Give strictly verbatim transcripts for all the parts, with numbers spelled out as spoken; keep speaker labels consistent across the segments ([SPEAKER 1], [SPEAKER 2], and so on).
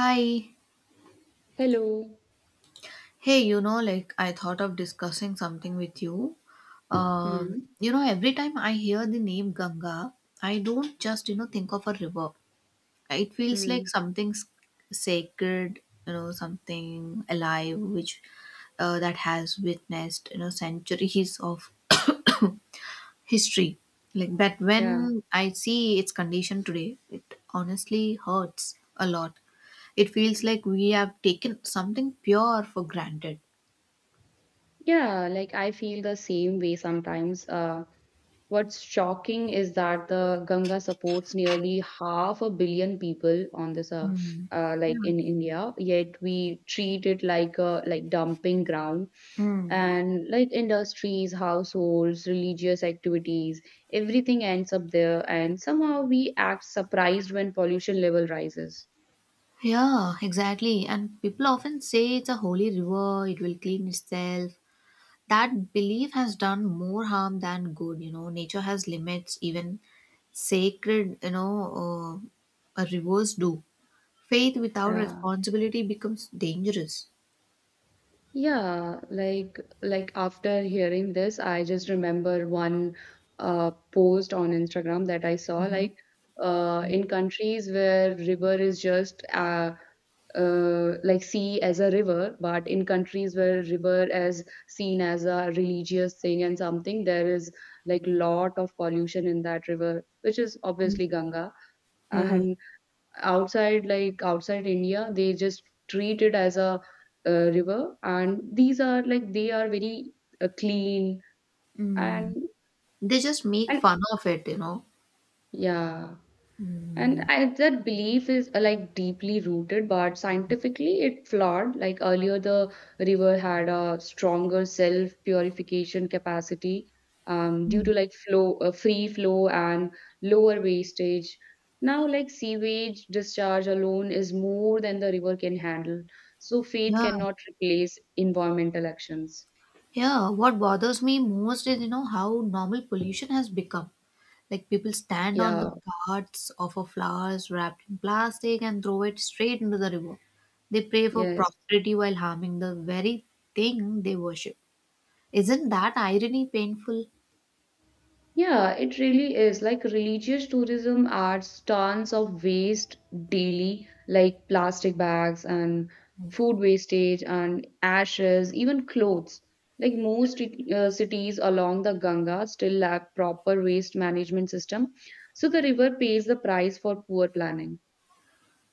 [SPEAKER 1] Hi.
[SPEAKER 2] Hello.
[SPEAKER 1] Hey, you know, like I thought of discussing something with you. Um,
[SPEAKER 2] Hmm.
[SPEAKER 1] you know, every time I hear the name Ganga, I don't just, you know, think of a river. It feels
[SPEAKER 2] Hmm.
[SPEAKER 1] like something s- sacred, you know, something alive, which uh, that has witnessed, you know, centuries of history. Like, but when
[SPEAKER 2] Yeah.
[SPEAKER 1] I see its condition today, it honestly hurts a lot. It feels like we have taken something pure for granted.
[SPEAKER 2] Yeah. Like I feel the same way sometimes. Uh, what's shocking is that the Ganga supports nearly half a billion people on this, uh, uh,
[SPEAKER 1] Yeah.
[SPEAKER 2] like in India, yet we treat it like a like dumping ground.
[SPEAKER 1] Mm.
[SPEAKER 2] And like industries, households, religious activities, everything ends up there, and somehow we act surprised when pollution level rises.
[SPEAKER 1] Yeah, exactly. And people often say it's a holy river, it will clean itself. That belief has done more harm than good, you know. Nature has limits, even sacred, you know, uh, rivers do. Faith without
[SPEAKER 2] Yeah.
[SPEAKER 1] responsibility becomes dangerous.
[SPEAKER 2] Yeah, like like after hearing this, I just remember one uh, post on Instagram that I saw
[SPEAKER 1] Mhm.
[SPEAKER 2] like uh, in countries where river is just uh, uh, like sea as a river, but in countries where river is seen as a religious thing and something, there is like lot of pollution in that river, which is obviously Ganga.
[SPEAKER 1] Yeah.
[SPEAKER 2] And outside like outside India, they just treat it as a uh, river, and these are like they are very uh, clean.
[SPEAKER 1] Mm.
[SPEAKER 2] and
[SPEAKER 1] They just make
[SPEAKER 2] and
[SPEAKER 1] fun of it, you know.
[SPEAKER 2] yeah.
[SPEAKER 1] Mm.
[SPEAKER 2] And I, that belief is uh, like deeply rooted, but scientifically it flawed. Like earlier, the river had a stronger self purification capacity um, due to like flow, uh, free flow and lower wastage. Now, like sewage discharge alone is more than the river can handle. So, faith
[SPEAKER 1] Yeah,
[SPEAKER 2] cannot replace environmental actions.
[SPEAKER 1] yeah. What bothers me most is, you know, how normal pollution has become. Like people stand on the
[SPEAKER 2] Yeah,
[SPEAKER 1] carts of a flowers wrapped in plastic and throw it straight into the river. They pray for
[SPEAKER 2] yes.
[SPEAKER 1] prosperity while harming the very thing they worship. Isn't that irony painful?
[SPEAKER 2] Yeah, it really is like religious tourism adds tons of waste daily, like plastic bags and food wastage and ashes, even clothes. Like most cit- uh, cities along the Ganga still lack proper waste management system, so the river pays the price for poor planning.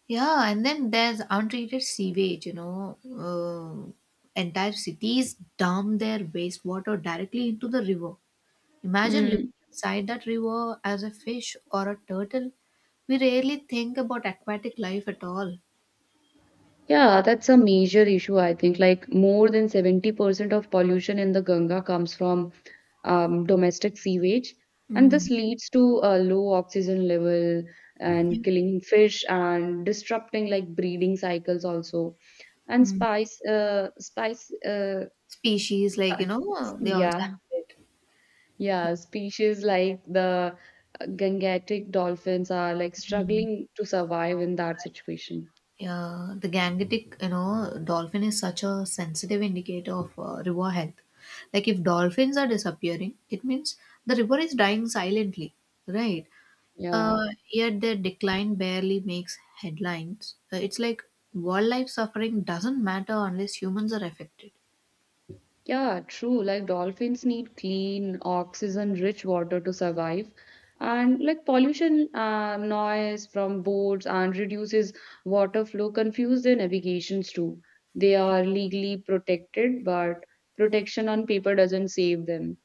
[SPEAKER 1] Yeah, and then there's untreated sewage, you know. Uh, entire cities dump their wastewater directly into the river. Imagine living
[SPEAKER 2] Mm.
[SPEAKER 1] inside that river as a fish or a turtle. We rarely think about aquatic life at all.
[SPEAKER 2] Yeah, that's a major issue, I think. Like more than seventy percent of pollution in the Ganga comes from um, domestic sewage, and
[SPEAKER 1] Mm.
[SPEAKER 2] this leads to a low oxygen level and
[SPEAKER 1] Yeah.
[SPEAKER 2] killing fish and disrupting like breeding cycles also. And
[SPEAKER 1] Mm.
[SPEAKER 2] spice, uh, spice, uh,
[SPEAKER 1] Species like, you
[SPEAKER 2] spi-
[SPEAKER 1] know, they also have
[SPEAKER 2] yeah,
[SPEAKER 1] it.
[SPEAKER 2] yeah, species like the uh, Gangetic dolphins are like
[SPEAKER 1] Mm.
[SPEAKER 2] struggling to survive in that situation.
[SPEAKER 1] Yeah, the gangetic, you know, dolphin is such a sensitive indicator of uh, river health. Like if dolphins are disappearing, it means the river is dying silently, right?
[SPEAKER 2] Yeah.
[SPEAKER 1] Uh, yet their decline barely makes headlines. Uh, it's like wildlife suffering doesn't matter unless humans are affected.
[SPEAKER 2] Yeah, true. Like dolphins need clean, oxygen-rich water to survive. And like pollution, uh, noise from boats and reduces water flow confuse their navigations too. They are legally protected, but protection on paper doesn't save them.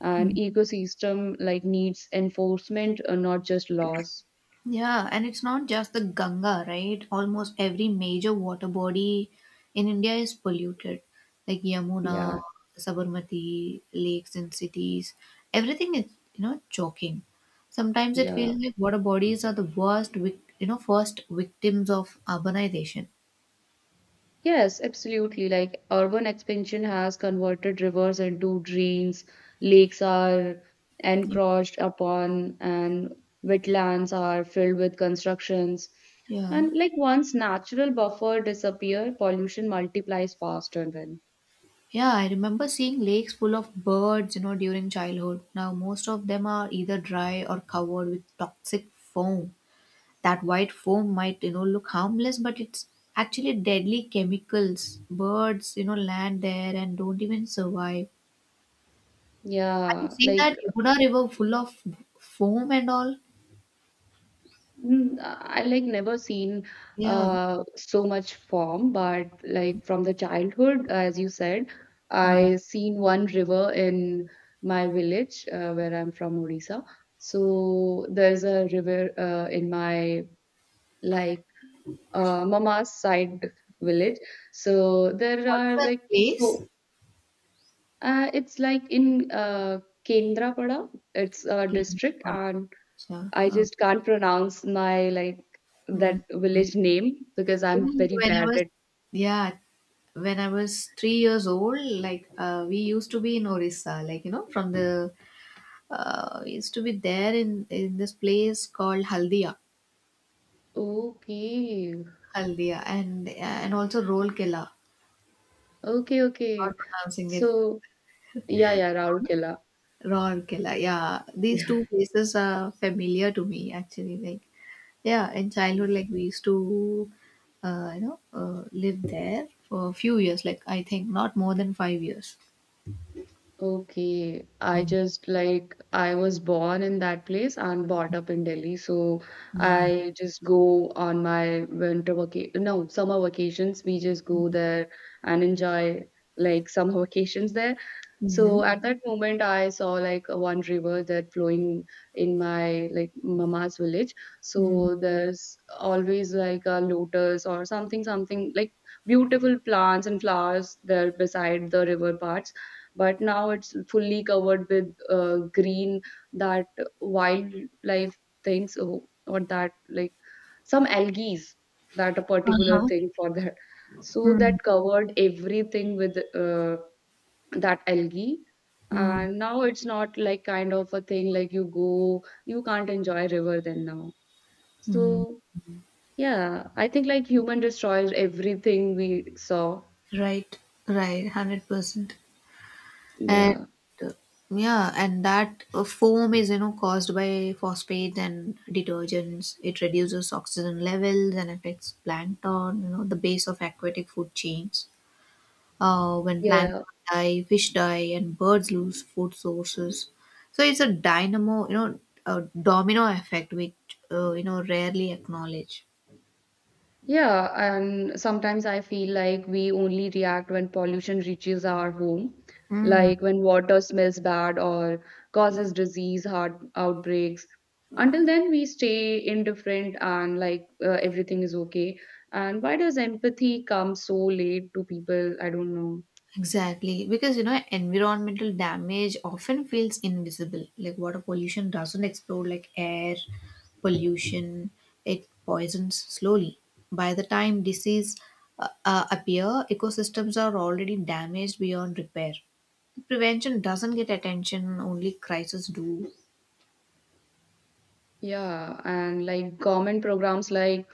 [SPEAKER 2] An ecosystem like needs enforcement, uh, not just laws.
[SPEAKER 1] Yeah, and it's not just the Ganga, right? Almost every major water body in India is polluted, like Yamuna,
[SPEAKER 2] Yeah,
[SPEAKER 1] Sabarmati, lakes and cities. Everything is, you know, choking. Sometimes it
[SPEAKER 2] yeah.
[SPEAKER 1] feels like water bodies are the worst, vic- you know, first victims of urbanization.
[SPEAKER 2] Yes, absolutely. Like urban expansion has converted rivers into drains, lakes are
[SPEAKER 1] Yeah.
[SPEAKER 2] encroached upon, and wetlands are filled with constructions.
[SPEAKER 1] Yeah.
[SPEAKER 2] And like once natural buffer disappear, pollution multiplies faster then.
[SPEAKER 1] Yeah, I remember seeing lakes full of birds, you know, during childhood. Now, most of them are either dry or covered with toxic foam. That white foam might, you know, look harmless, but it's actually deadly chemicals. Birds, you know, land there and don't even survive. Have you
[SPEAKER 2] Yeah,
[SPEAKER 1] seen
[SPEAKER 2] like.
[SPEAKER 1] that Yamuna River full of foam and all?
[SPEAKER 2] Mm, I like never seen
[SPEAKER 1] Yeah.
[SPEAKER 2] uh, so much form, but like from the childhood, as you said,
[SPEAKER 1] Mm.
[SPEAKER 2] I seen one river in my village uh, where I'm from, Odisha. So there's a river uh, in my like uh, mama's side village. So there
[SPEAKER 1] What's
[SPEAKER 2] are
[SPEAKER 1] that
[SPEAKER 2] like
[SPEAKER 1] place?
[SPEAKER 2] so uh, it's like in uh, Kendrapada. It's a
[SPEAKER 1] Okay.
[SPEAKER 2] district. And
[SPEAKER 1] Yeah.
[SPEAKER 2] I
[SPEAKER 1] Oh.
[SPEAKER 2] just can't pronounce my like
[SPEAKER 1] Mm.
[SPEAKER 2] that village name because I'm
[SPEAKER 1] Even
[SPEAKER 2] very
[SPEAKER 1] when I
[SPEAKER 2] bad
[SPEAKER 1] was
[SPEAKER 2] at.
[SPEAKER 1] yeah, when I was three years old, like uh, we used to be in Orissa, like you know, from the uh, we used to be there in in this place called Haldia,
[SPEAKER 2] Okay.
[SPEAKER 1] Haldia, and and also Rourkela.
[SPEAKER 2] Okay, okay.
[SPEAKER 1] Not pronouncing it
[SPEAKER 2] So yeah, yeah, Raurkela.
[SPEAKER 1] Rourkela. Yeah, these
[SPEAKER 2] Yeah.
[SPEAKER 1] two places are familiar to me actually. Like yeah, in childhood, like we used to uh, you know uh, live there for a few years. Like I think not more than five years.
[SPEAKER 2] Okay. I just like I was born in that place and brought up in Delhi. So I just go on my winter vacation, no, summer vacations. We just go there and enjoy like summer vacations there.
[SPEAKER 1] Mm-hmm.
[SPEAKER 2] So at that moment, I saw like a one river that flowing in my like mama's village.
[SPEAKER 1] Mm.
[SPEAKER 2] So there's always like a lotus or something, something like beautiful plants and flowers there beside the river parts. But now it's fully covered with uh, green that wildlife things or or that like some algae that a particular
[SPEAKER 1] Uh-huh.
[SPEAKER 2] thing for that. So
[SPEAKER 1] Mm.
[SPEAKER 2] that covered everything with Uh, that algae,
[SPEAKER 1] Mm.
[SPEAKER 2] and now it's not like kind of a thing like you go you can't enjoy river then now,
[SPEAKER 1] Mm.
[SPEAKER 2] so yeah, I think like human destroys everything we saw.
[SPEAKER 1] Right, right, one hundred percent. And
[SPEAKER 2] Yeah.
[SPEAKER 1] uh, yeah, and that uh, foam is, you know, caused by phosphates and detergents. It reduces oxygen levels and affects plankton, you know, the base of aquatic food chains. Uh, when
[SPEAKER 2] Yeah.
[SPEAKER 1] plankton die, fish die, and birds lose food sources. So it's a dynamo, you know, a domino effect, which, uh, you know, rarely acknowledge.
[SPEAKER 2] Yeah, and sometimes I feel like we only react when pollution reaches our home,
[SPEAKER 1] Mm.
[SPEAKER 2] like when water smells bad or causes disease, heart outbreaks. Until then, we stay indifferent and like uh, everything is okay. And why does empathy come so late to people? I don't know.
[SPEAKER 1] Exactly, because you know, environmental damage often feels invisible. Like water pollution doesn't explode like air pollution, it poisons slowly. By the time disease uh, uh, appear, ecosystems are already damaged beyond repair. Prevention doesn't get attention, only crises do.
[SPEAKER 2] Yeah, and like government programs like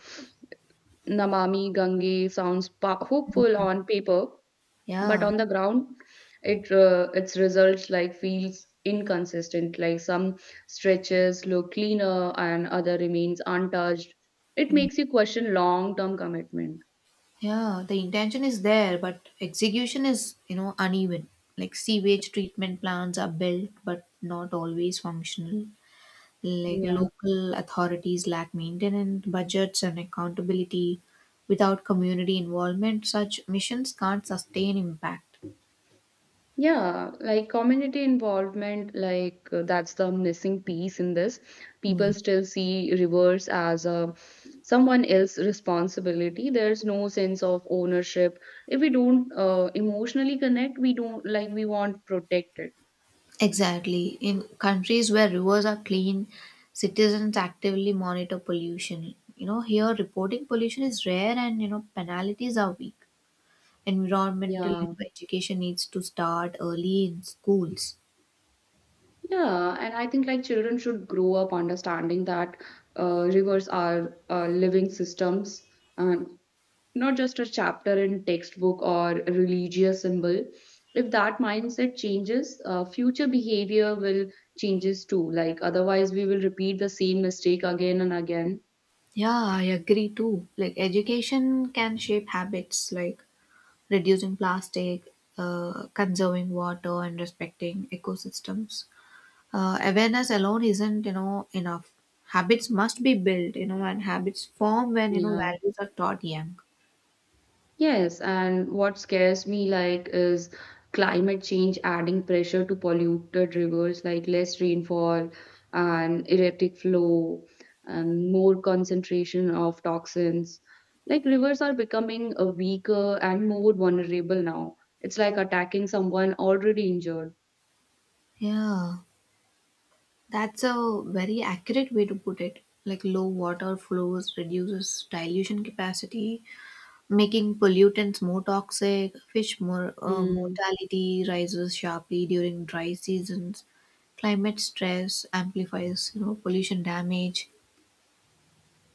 [SPEAKER 2] Namami Gange sounds pa- hopeful on paper, but
[SPEAKER 1] Yeah.
[SPEAKER 2] on the ground it uh, its results like feels inconsistent, like some stretches look cleaner and other remains untouched. It
[SPEAKER 1] Mm.
[SPEAKER 2] makes you question long term commitment.
[SPEAKER 1] Yeah, the intention is there, but execution is, you know, uneven. Like sewage treatment plants are built, but not always functional. Like
[SPEAKER 2] Yeah.
[SPEAKER 1] local authorities lack maintenance budgets and accountability. Without community involvement, such missions can't sustain impact.
[SPEAKER 2] Yeah, like community involvement, like uh, that's the missing piece in this.
[SPEAKER 1] Hmm.
[SPEAKER 2] People still see rivers as a someone else's responsibility. There's no sense of ownership. If we don't uh, emotionally connect, we don't like we want protected.
[SPEAKER 1] Exactly, in countries where rivers are clean, citizens actively monitor pollution you know Here reporting pollution is rare, and you know penalties are weak. Environmental
[SPEAKER 2] Yeah.
[SPEAKER 1] education needs to start early in schools.
[SPEAKER 2] Yeah, and I think like children should grow up understanding that uh, rivers are uh, living systems and not just a chapter in textbook or a religious symbol. If that mindset changes, uh, future behavior will changes too. Like otherwise, we will repeat the same mistake again and again.
[SPEAKER 1] Yeah, I agree too. Like education can shape habits, like reducing plastic, uh, conserving water, and respecting ecosystems. Uh, awareness alone isn't you know enough. Habits must be built, you know, and habits form when you know
[SPEAKER 2] Yeah.
[SPEAKER 1] values are taught young.
[SPEAKER 2] Yes, and what scares me like is climate change adding pressure to polluted rivers, like less rainfall and erratic flow and more concentration of toxins. Like rivers are becoming a weaker and more vulnerable now. It's like attacking someone already injured.
[SPEAKER 1] Yeah, that's a very accurate way to put it. Like low water flows reduces dilution capacity, making pollutants more toxic. Fish mor- uh,
[SPEAKER 2] Hmm.
[SPEAKER 1] mortality rises sharply during dry seasons. Climate stress amplifies, you know, pollution damage.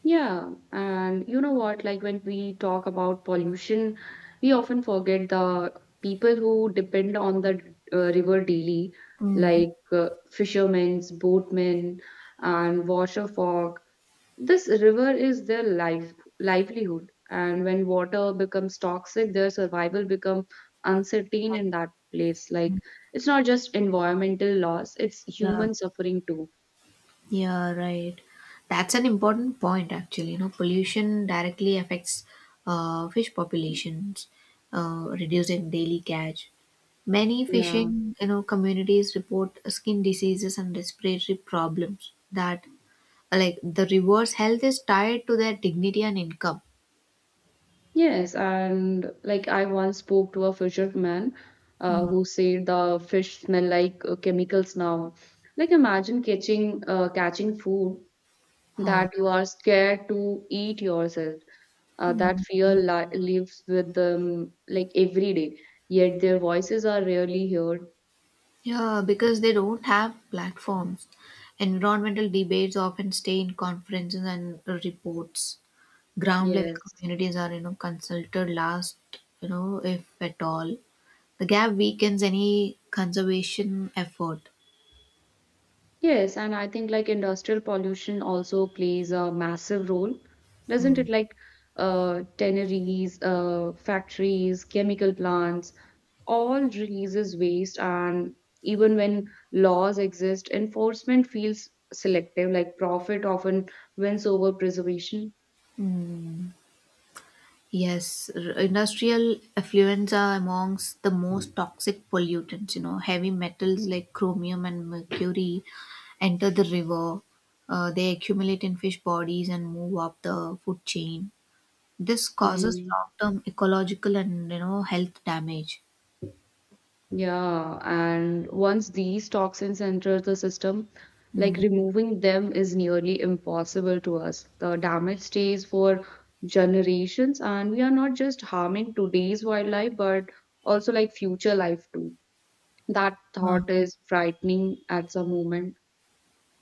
[SPEAKER 2] Yeah, and you know what? Like when we talk about pollution, we often forget the people who depend on the uh, river daily,
[SPEAKER 1] Mm.
[SPEAKER 2] like uh, fishermen, boatmen, and washer folk. This river is their life, livelihood, and when water becomes toxic, their survival become uncertain in that place. Like it's not just environmental loss, it's
[SPEAKER 1] Yeah,
[SPEAKER 2] human suffering too.
[SPEAKER 1] yeah, right. That's an important point, actually. You know, pollution directly affects uh, fish populations, uh, reducing daily catch. Many
[SPEAKER 2] Yeah.
[SPEAKER 1] fishing, you know, communities report skin diseases and respiratory problems that. Like, the reverse health is tied to their dignity and income.
[SPEAKER 2] Yes, and like I once spoke to a fisherman uh,
[SPEAKER 1] Mm.
[SPEAKER 2] who said the fish smell like uh, chemicals now. Like imagine catching uh, catching food
[SPEAKER 1] Huh.
[SPEAKER 2] that you are scared to eat yourself. Uh, that fear li lives with them like every day. Yet their voices are rarely heard.
[SPEAKER 1] Yeah, because they don't have platforms. Environmental debates often stay in conferences and reports. Ground level
[SPEAKER 2] Yes.
[SPEAKER 1] communities are, you know, consulted last, you know, if at all. The gap weakens any conservation effort.
[SPEAKER 2] Yes, and I think like industrial pollution also plays a massive role, doesn't
[SPEAKER 1] Mm.
[SPEAKER 2] it? Like uh, tanneries, uh, factories, chemical plants, all releases waste, and even when laws exist, enforcement feels selective, like profit often wins over preservation.
[SPEAKER 1] Mm. Yes, r- industrial effluents are amongst the most toxic pollutants. You know, heavy metals like chromium and mercury enter the river. Uh, they accumulate in fish bodies and move up the food chain. This causes
[SPEAKER 2] Hmm.
[SPEAKER 1] long-term ecological and you know health damage.
[SPEAKER 2] Yeah, and once these toxins enter the system, like
[SPEAKER 1] Mm.
[SPEAKER 2] removing them is nearly impossible to us. The damage stays for generations, and we are not just harming today's wildlife, but also like future life too. That
[SPEAKER 1] Uh,
[SPEAKER 2] thought is frightening at some moment.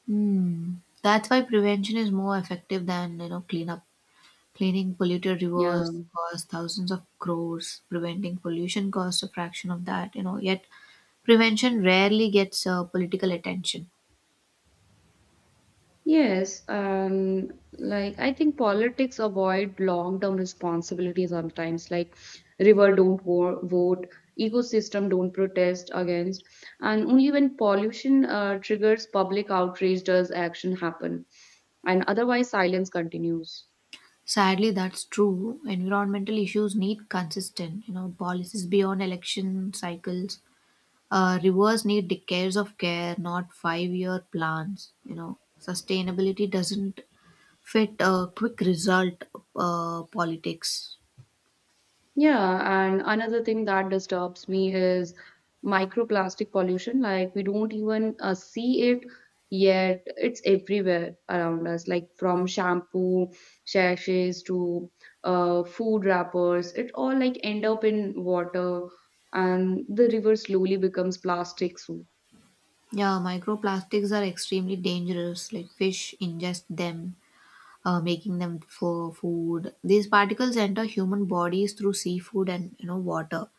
[SPEAKER 1] mm. That's why prevention is more effective than you know cleanup. Cleaning polluted
[SPEAKER 2] Yeah.
[SPEAKER 1] rivers costs thousands of crores. Preventing pollution costs a fraction of that, you know, yet prevention rarely gets uh, political attention.
[SPEAKER 2] Yes, um, like I think politics avoid long-term responsibility sometimes, like river don't wo- vote, ecosystem don't protest against, and only when pollution uh, triggers public outrage does action happen, and otherwise silence continues.
[SPEAKER 1] Sadly, that's true. Environmental issues need consistent, you know, policies beyond election cycles. Uh, rivers need decades of care, not five-year plans. You know, sustainability doesn't fit a quick result uh, politics.
[SPEAKER 2] Yeah, and another thing that disturbs me is microplastic pollution. Like, we don't even uh, see it, yet it's everywhere around us, like from shampoo, sachets to uh, food wrappers. It all like end up in water, and the river slowly becomes plastic. So,
[SPEAKER 1] Yeah, microplastics are extremely dangerous. Like fish ingest them, uh, making them for food. These particles enter human bodies through seafood and you know water.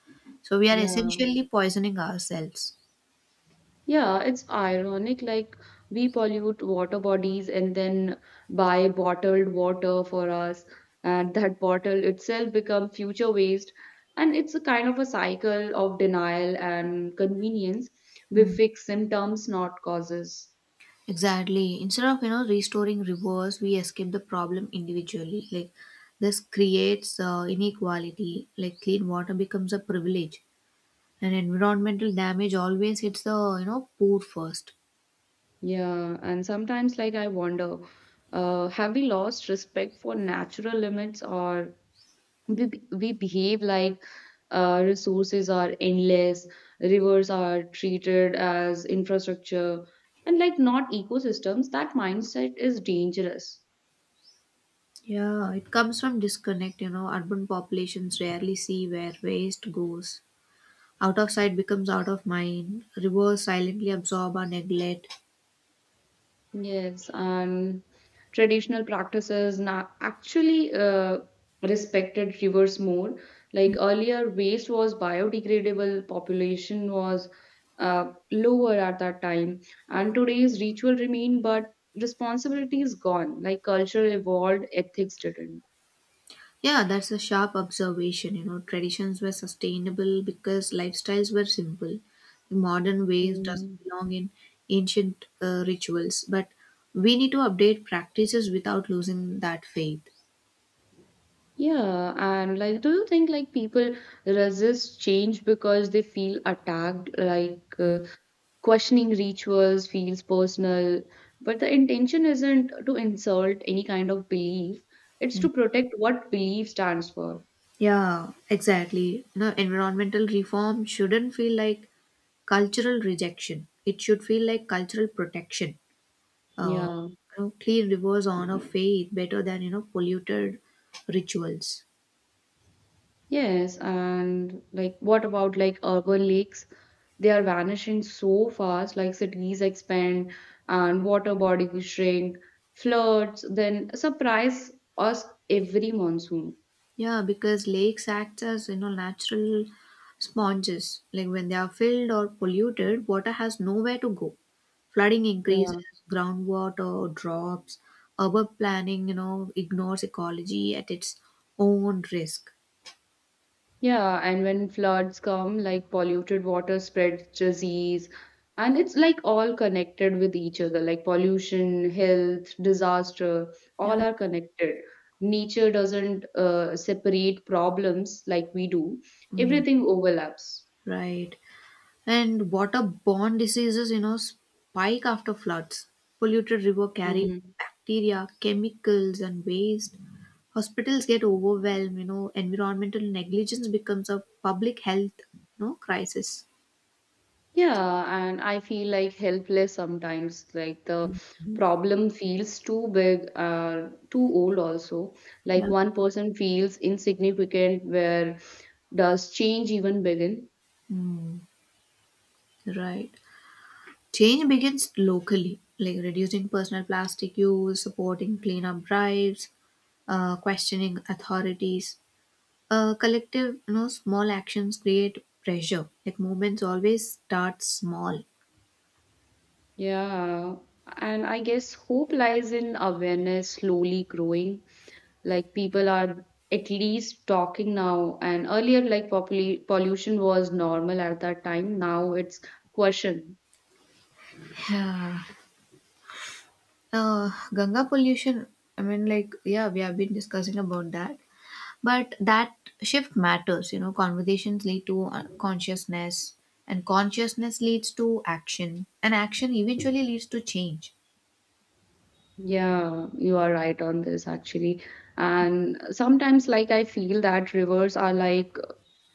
[SPEAKER 1] So we are
[SPEAKER 2] yeah.
[SPEAKER 1] essentially poisoning ourselves.
[SPEAKER 2] Yeah, it's ironic. Like, we pollute water bodies and then buy bottled water for us, and that bottle itself become future waste. And it's a kind of a cycle of denial and convenience. We
[SPEAKER 1] Mm.
[SPEAKER 2] fix symptoms, not causes.
[SPEAKER 1] Exactly. Instead of you know restoring rivers, we escape the problem individually. Like this creates uh, inequality. Like clean water becomes a privilege, and environmental damage always hits the you know poor first.
[SPEAKER 2] Yeah, and sometimes, like, I wonder, uh, have we lost respect for natural limits, or we, we behave like uh, resources are endless, rivers are treated as infrastructure, and like not ecosystems. That mindset is dangerous.
[SPEAKER 1] Yeah, it comes from disconnect, you know. Urban populations rarely see where waste goes. Out of sight becomes out of mind. Rivers silently absorb or neglect.
[SPEAKER 2] Yes, and traditional practices now actually uh, respected rivers more. Like earlier, waste was biodegradable, population was uh, lower at that time, and today's ritual remain, but responsibility is gone. Like culture evolved, ethics didn't.
[SPEAKER 1] Yeah, that's a sharp observation, you know. Traditions were sustainable because lifestyles were simple. The modern ways doesn't
[SPEAKER 2] Mm.
[SPEAKER 1] belong in ancient uh, rituals, but we need to update practices without losing that faith.
[SPEAKER 2] Yeah, and like, do you think like people resist change because they feel attacked? Like, uh, questioning rituals feels personal, but the intention isn't to insult any kind of belief, it's
[SPEAKER 1] Mm.
[SPEAKER 2] to protect what belief stands for.
[SPEAKER 1] Yeah, exactly. You know, environmental reform shouldn't feel like cultural rejection. It should feel like cultural protection. Uh,
[SPEAKER 2] Yeah.
[SPEAKER 1] you know, clean rivers honor faith better than you know polluted rituals.
[SPEAKER 2] Yes, and like what about like urban lakes? They are vanishing so fast, like cities expand and water bodies shrink, floods then surprise us every monsoon.
[SPEAKER 1] Yeah, because lakes act as you know natural sponges. Like when they are filled or polluted, water has nowhere to go. Flooding increases,
[SPEAKER 2] Yeah.
[SPEAKER 1] groundwater drops, urban planning, you know, ignores ecology at its own risk.
[SPEAKER 2] Yeah, and when floods come, like polluted water spreads disease, and it's like all connected with each other, like pollution, health, disaster,
[SPEAKER 1] Yeah.
[SPEAKER 2] all are connected. Nature doesn't uh, separate problems like we do,
[SPEAKER 1] Mm,
[SPEAKER 2] everything overlaps.
[SPEAKER 1] right. And waterborne diseases, you know, spike after floods. Polluted river carry
[SPEAKER 2] Hmm.
[SPEAKER 1] bacteria, chemicals, and waste. Hospitals get overwhelmed. You know, environmental negligence becomes a public health, you know, crisis.
[SPEAKER 2] Yeah, and I feel like helpless sometimes. Like the problem feels too big, uh, too old also. Like
[SPEAKER 1] Yeah.
[SPEAKER 2] one person feels insignificant, where does change even begin?
[SPEAKER 1] Hmm. Right, change begins locally, like reducing personal plastic use, supporting cleanup drives, uh, questioning authorities. uh, collective you know small actions create pressure, like movements always start small.
[SPEAKER 2] Yeah, and I guess hope lies in awareness slowly growing. Like people are at least talking now, and earlier, like popul pollution was normal at that time. Now it's question.
[SPEAKER 1] Uh, ganga pollution, I mean, like yeah, we have been discussing about that, but that shift matters. You know conversations lead to uh, consciousness, and consciousness leads to action, and action eventually leads to change.
[SPEAKER 2] Yeah, you are right on this actually. And sometimes, like, I feel that rivers are like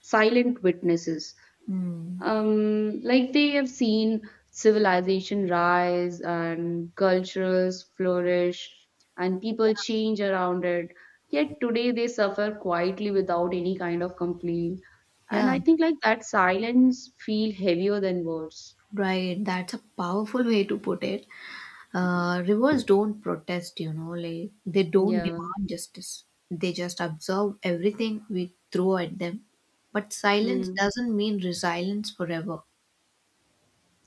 [SPEAKER 2] silent witnesses.
[SPEAKER 1] Hmm.
[SPEAKER 2] Um, like they have seen civilization rise and cultures flourish and people
[SPEAKER 1] Yeah.
[SPEAKER 2] change around it. Yet today they suffer quietly without any kind of complaint. And
[SPEAKER 1] Yeah.
[SPEAKER 2] I think like that silence feel heavier than words.
[SPEAKER 1] Right, that's a powerful way to put it. Uh, rivers don't protest, you know, like they don't
[SPEAKER 2] Yeah.
[SPEAKER 1] demand justice. They just absorb everything we throw at them. But silence
[SPEAKER 2] Hmm.
[SPEAKER 1] doesn't mean resilience forever.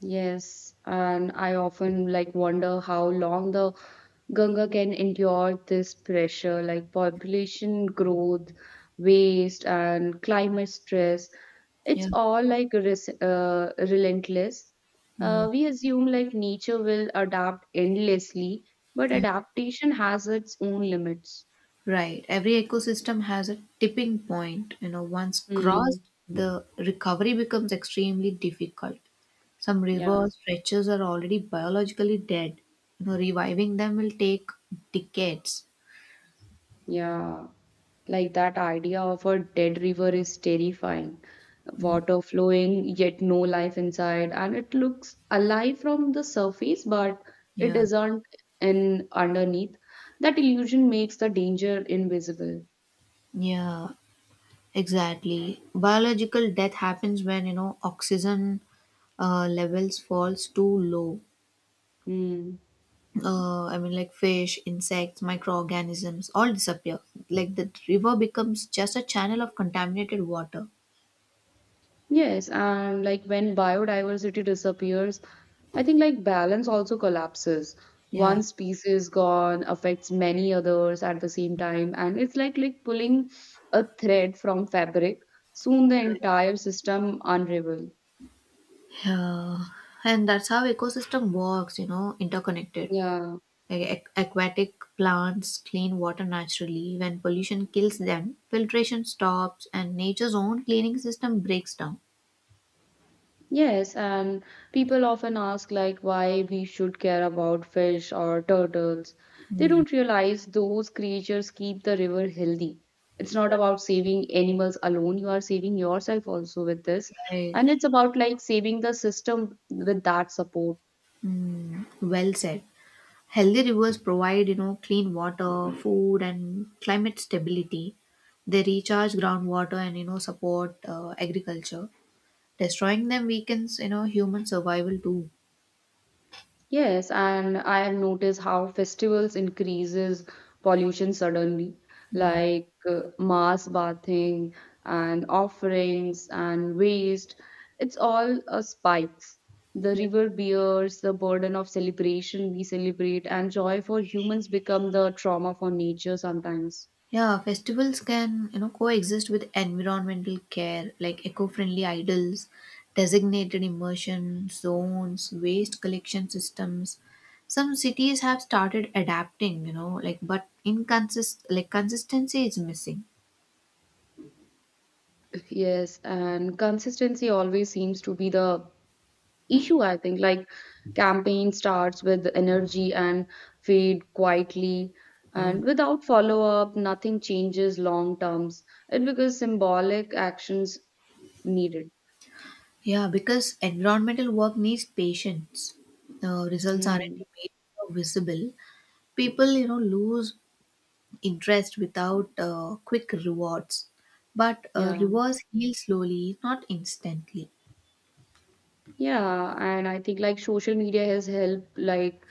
[SPEAKER 2] Yes, and I often like wonder how long the Ganga can endure this pressure, like population growth, waste, and climate stress. It's
[SPEAKER 1] Yeah.
[SPEAKER 2] all like res uh, relentless. Uh,
[SPEAKER 1] Mm.
[SPEAKER 2] we assume like nature will adapt endlessly, but
[SPEAKER 1] Yeah.
[SPEAKER 2] adaptation has its own limits.
[SPEAKER 1] Right. Every ecosystem has a tipping point. You know, once crossed,
[SPEAKER 2] Hmm.
[SPEAKER 1] the recovery becomes extremely difficult. Some
[SPEAKER 2] Yeah.
[SPEAKER 1] river stretches are already biologically dead. You know, reviving them will take decades.
[SPEAKER 2] Yeah. Like that idea of a dead river is terrifying.
[SPEAKER 1] Mm.
[SPEAKER 2] Water flowing, yet no life inside, and it looks alive from the surface, but it
[SPEAKER 1] Yeah.
[SPEAKER 2] isn't in underneath. That illusion makes the danger invisible.
[SPEAKER 1] Yeah. Exactly. Biological death happens when, you know, oxygen uh, levels falls too low.
[SPEAKER 2] Hmm.
[SPEAKER 1] Uh, I mean, like fish, insects, microorganisms all disappear. Like the river becomes just a channel of contaminated water.
[SPEAKER 2] Yes, and like when biodiversity disappears, I think like balance also collapses.
[SPEAKER 1] Yeah.
[SPEAKER 2] One species gone affects many others at the same time, and it's like like pulling a thread from fabric. Soon the entire system unravel.
[SPEAKER 1] Yeah. And that's how ecosystem works, you know, interconnected.
[SPEAKER 2] Yeah.
[SPEAKER 1] Like, ac- aquatic plants clean water naturally. When pollution kills them, filtration stops and nature's own cleaning system breaks down.
[SPEAKER 2] Yes, and people often ask like why we should care about fish or turtles. They
[SPEAKER 1] Mm,
[SPEAKER 2] don't realize those creatures keep the river healthy. It's not about saving animals alone, you are saving yourself also with this.
[SPEAKER 1] right.
[SPEAKER 2] And it's about like saving the system with that support.
[SPEAKER 1] Mm, well said. Healthy rivers provide, you know, clean water, food, and climate stability. They recharge groundwater and you know support uh, agriculture. Destroying them weakens, you know, human survival too.
[SPEAKER 2] Yes, and I have noticed how festivals increases pollution suddenly,
[SPEAKER 1] Hmm.
[SPEAKER 2] like uh, mass bathing and offerings and waste. It's all uh, spikes. The river bears the burden of celebration we celebrate, and joy for humans become the trauma for nature sometimes.
[SPEAKER 1] Yeah, festivals can, you know, coexist with environmental care, like eco-friendly idols, designated immersion zones, waste collection systems. Some cities have started adapting, you know, like but inconsist like consistency is missing.
[SPEAKER 2] Yes, and consistency always seems to be the issue I think like campaign starts with energy and fade quietly,
[SPEAKER 1] Mm.
[SPEAKER 2] and without follow up nothing changes long terms. It becomes symbolic actions needed.
[SPEAKER 1] Yeah, because environmental work needs patience. The results aren't
[SPEAKER 2] mm.
[SPEAKER 1] immediately visible. People, you know, lose interest without uh, quick rewards. But uh,
[SPEAKER 2] yeah
[SPEAKER 1] rewards heal slowly, not instantly.
[SPEAKER 2] Yeah, and I think like social media has helped like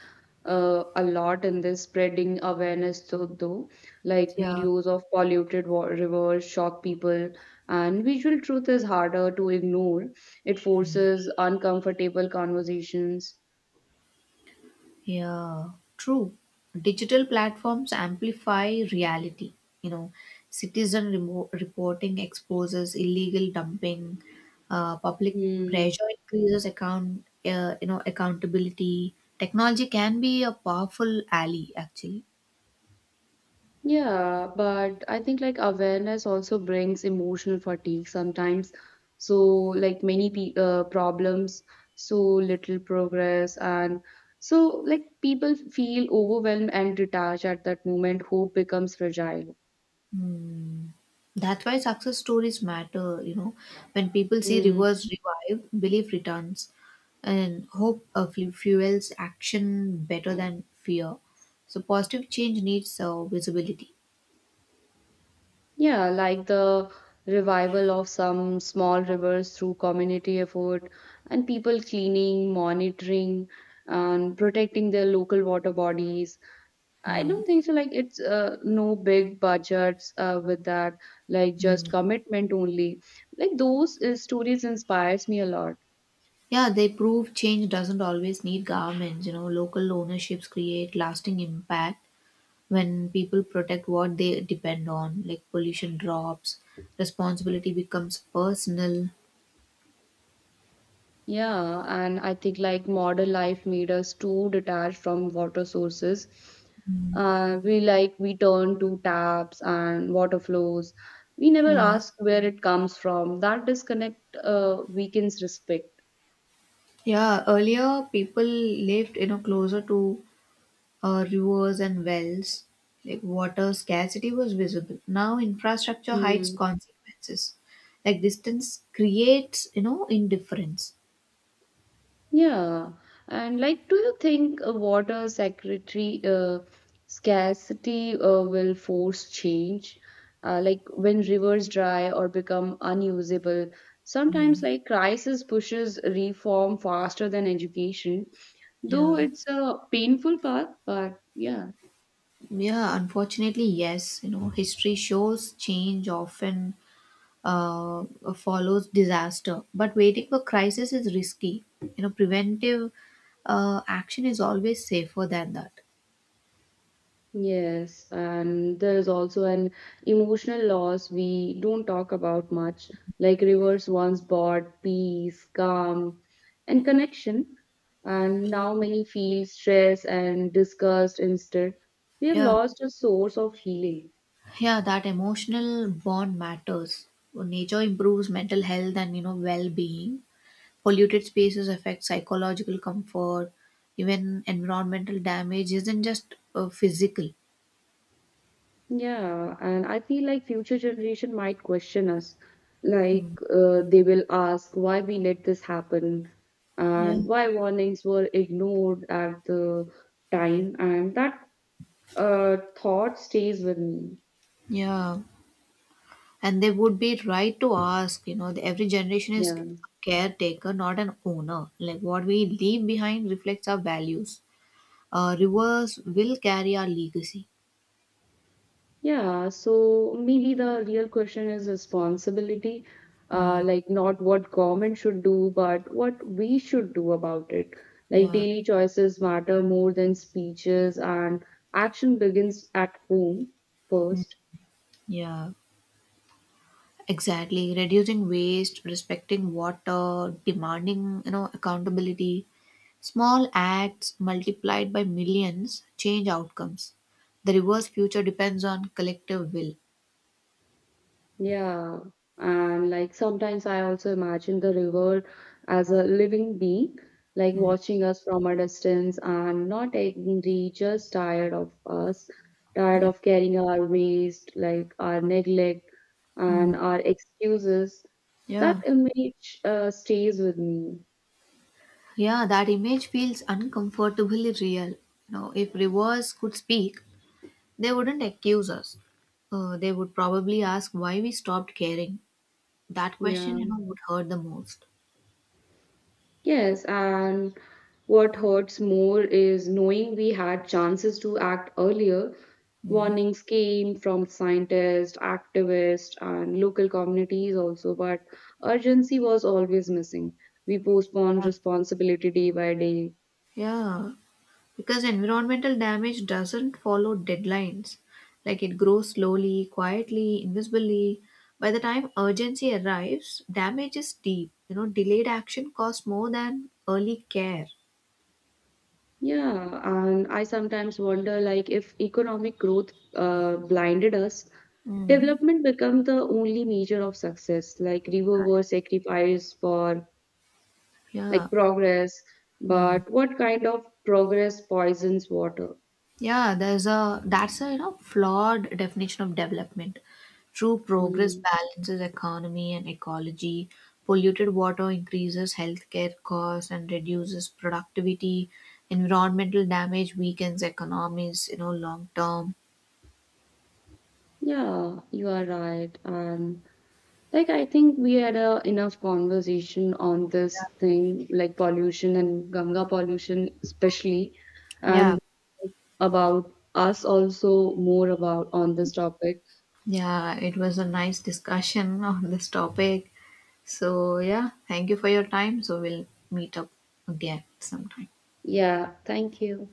[SPEAKER 2] uh, a lot in this spreading awareness, so though like
[SPEAKER 1] Yeah,
[SPEAKER 2] videos of polluted wa rivers shock people, and visual truth is harder to ignore. It forces uncomfortable conversations.
[SPEAKER 1] yeah, true. Digital platforms amplify reality. You know, citizen remo- reporting exposes illegal dumping, uh, public
[SPEAKER 2] Hmm.
[SPEAKER 1] pressure increases account, uh, you know, accountability. Technology can be a powerful ally, actually.
[SPEAKER 2] Yeah, but I think like awareness also brings emotional fatigue sometimes. So like many pe uh, problems, so little progress, and so like people feel overwhelmed and detached at that moment. Hope becomes fragile.
[SPEAKER 1] Hmm. That's why success stories matter, you know. When people see
[SPEAKER 2] Mm.
[SPEAKER 1] rivers revive, belief returns, and hope uh, fu- fuels action better than fear. So positive change needs uh, visibility.
[SPEAKER 2] Yeah, like the revival of some small rivers through community effort, and people cleaning, monitoring, and protecting their local water bodies. I
[SPEAKER 1] Yeah.
[SPEAKER 2] don't think so. Like it's uh, no big budgets uh, with that. Like
[SPEAKER 1] Hmm.
[SPEAKER 2] just commitment only. Like those uh, stories inspires me a lot.
[SPEAKER 1] Yeah, they prove change doesn't always need governments. You know, local ownerships create lasting impact when people protect what they depend on, like pollution drops, responsibility becomes personal.
[SPEAKER 2] Yeah, and I think like modern life made us too detached from water sources. Uh, we like we turn to taps and water flows. We never
[SPEAKER 1] Yeah.
[SPEAKER 2] ask where it comes from. That disconnect uh, weakens respect.
[SPEAKER 1] Yeah, earlier people lived, you know, closer to uh, rivers and wells. Like water scarcity was visible. Now infrastructure hides consequences. Like distance creates, you know, indifference.
[SPEAKER 2] Yeah, and like, do you think a water secretary uh, scarcity uh, will force change? Uh, like when rivers dry or become unusable, sometimes like crisis pushes reform faster than education, though
[SPEAKER 1] Yeah.
[SPEAKER 2] it's a painful path, but yeah.
[SPEAKER 1] Yeah, unfortunately, yes. You know, history shows change often uh, follows disaster. But waiting for crisis is risky. You know, preventive uh, action is always safer than that.
[SPEAKER 2] Yes, and there is also an emotional loss we don't talk about much. Like rivers once brought peace, calm, and connection, and now many feel stress and disgust instead. We have
[SPEAKER 1] Yeah.
[SPEAKER 2] lost a source of healing.
[SPEAKER 1] Yeah, that emotional bond matters. Nature improves mental health and you know well-being. Polluted spaces affect psychological comfort. Even environmental damage isn't just uh, physical.
[SPEAKER 2] Yeah, and I feel like future generation might question us.
[SPEAKER 1] Mm.
[SPEAKER 2] Like uh, they will ask why we let this happen,
[SPEAKER 1] Yeah,
[SPEAKER 2] and why warnings were ignored at the time, and that uh, thought stays with me.
[SPEAKER 1] yeah, and they would be right to ask. You know, the- every generation is a
[SPEAKER 2] Yeah.
[SPEAKER 1] caretaker, not an owner. Like what we leave behind reflects our values. Uh, rivers will carry our legacy.
[SPEAKER 2] Yeah, so maybe the real question is responsibility, uh,
[SPEAKER 1] Mm.
[SPEAKER 2] like not what government should do, but what we should do about it. Like
[SPEAKER 1] Yeah,
[SPEAKER 2] daily choices matter more than speeches, and action begins at home first.
[SPEAKER 1] yeah. Exactly. Reducing waste, respecting water, demanding, you know, accountability. Small acts multiplied by millions change outcomes. The reverse future depends on collective will.
[SPEAKER 2] Yeah, and like sometimes I also imagine the river as a living being, like
[SPEAKER 1] Mm.
[SPEAKER 2] watching us from a distance and not angry, just tired of us, tired
[SPEAKER 1] Yeah.
[SPEAKER 2] of carrying our waste, like our neglect
[SPEAKER 1] Mm.
[SPEAKER 2] and our excuses. That
[SPEAKER 1] Yeah.
[SPEAKER 2] image uh, stays with me.
[SPEAKER 1] Yeah, that image feels uncomfortably real. Now, if reverse could speak, they wouldn't accuse us. Uh, they would probably ask why we stopped caring. That question,
[SPEAKER 2] Yeah.
[SPEAKER 1] you know, would hurt the most.
[SPEAKER 2] Yes, and what hurts more is knowing we had chances to act earlier.
[SPEAKER 1] Mm.
[SPEAKER 2] Warnings came from scientists, activists, and local communities also, but urgency was always missing. We postponed
[SPEAKER 1] Yeah.
[SPEAKER 2] responsibility day by day.
[SPEAKER 1] Yeah. Because environmental damage doesn't follow deadlines. Like it grows slowly, quietly, invisibly. By the time urgency arrives, damage is deep. You know, delayed action costs more than early care.
[SPEAKER 2] Yeah, and I sometimes wonder like if economic growth uh, blinded us,
[SPEAKER 1] Mm.
[SPEAKER 2] development become the only measure of success. Like river were sacrificed for
[SPEAKER 1] Yeah.
[SPEAKER 2] like progress,
[SPEAKER 1] Hmm.
[SPEAKER 2] but what kind of progress poisons water?
[SPEAKER 1] Yeah, there's a that's a you know flawed definition of development. True progress
[SPEAKER 2] Hmm.
[SPEAKER 1] balances economy and ecology. Polluted water increases healthcare costs and reduces productivity. Environmental damage weakens economies, you know, long term.
[SPEAKER 2] Yeah, you are right. And like, I think we had a enough conversation on this thing, like pollution and Ganga pollution, especially,
[SPEAKER 1] Yeah,
[SPEAKER 2] and about us also more about on this topic.
[SPEAKER 1] yeah, it was a nice discussion on this topic. So, yeah, thank you for your time. So, we'll meet up again sometime.
[SPEAKER 2] Yeah, thank you.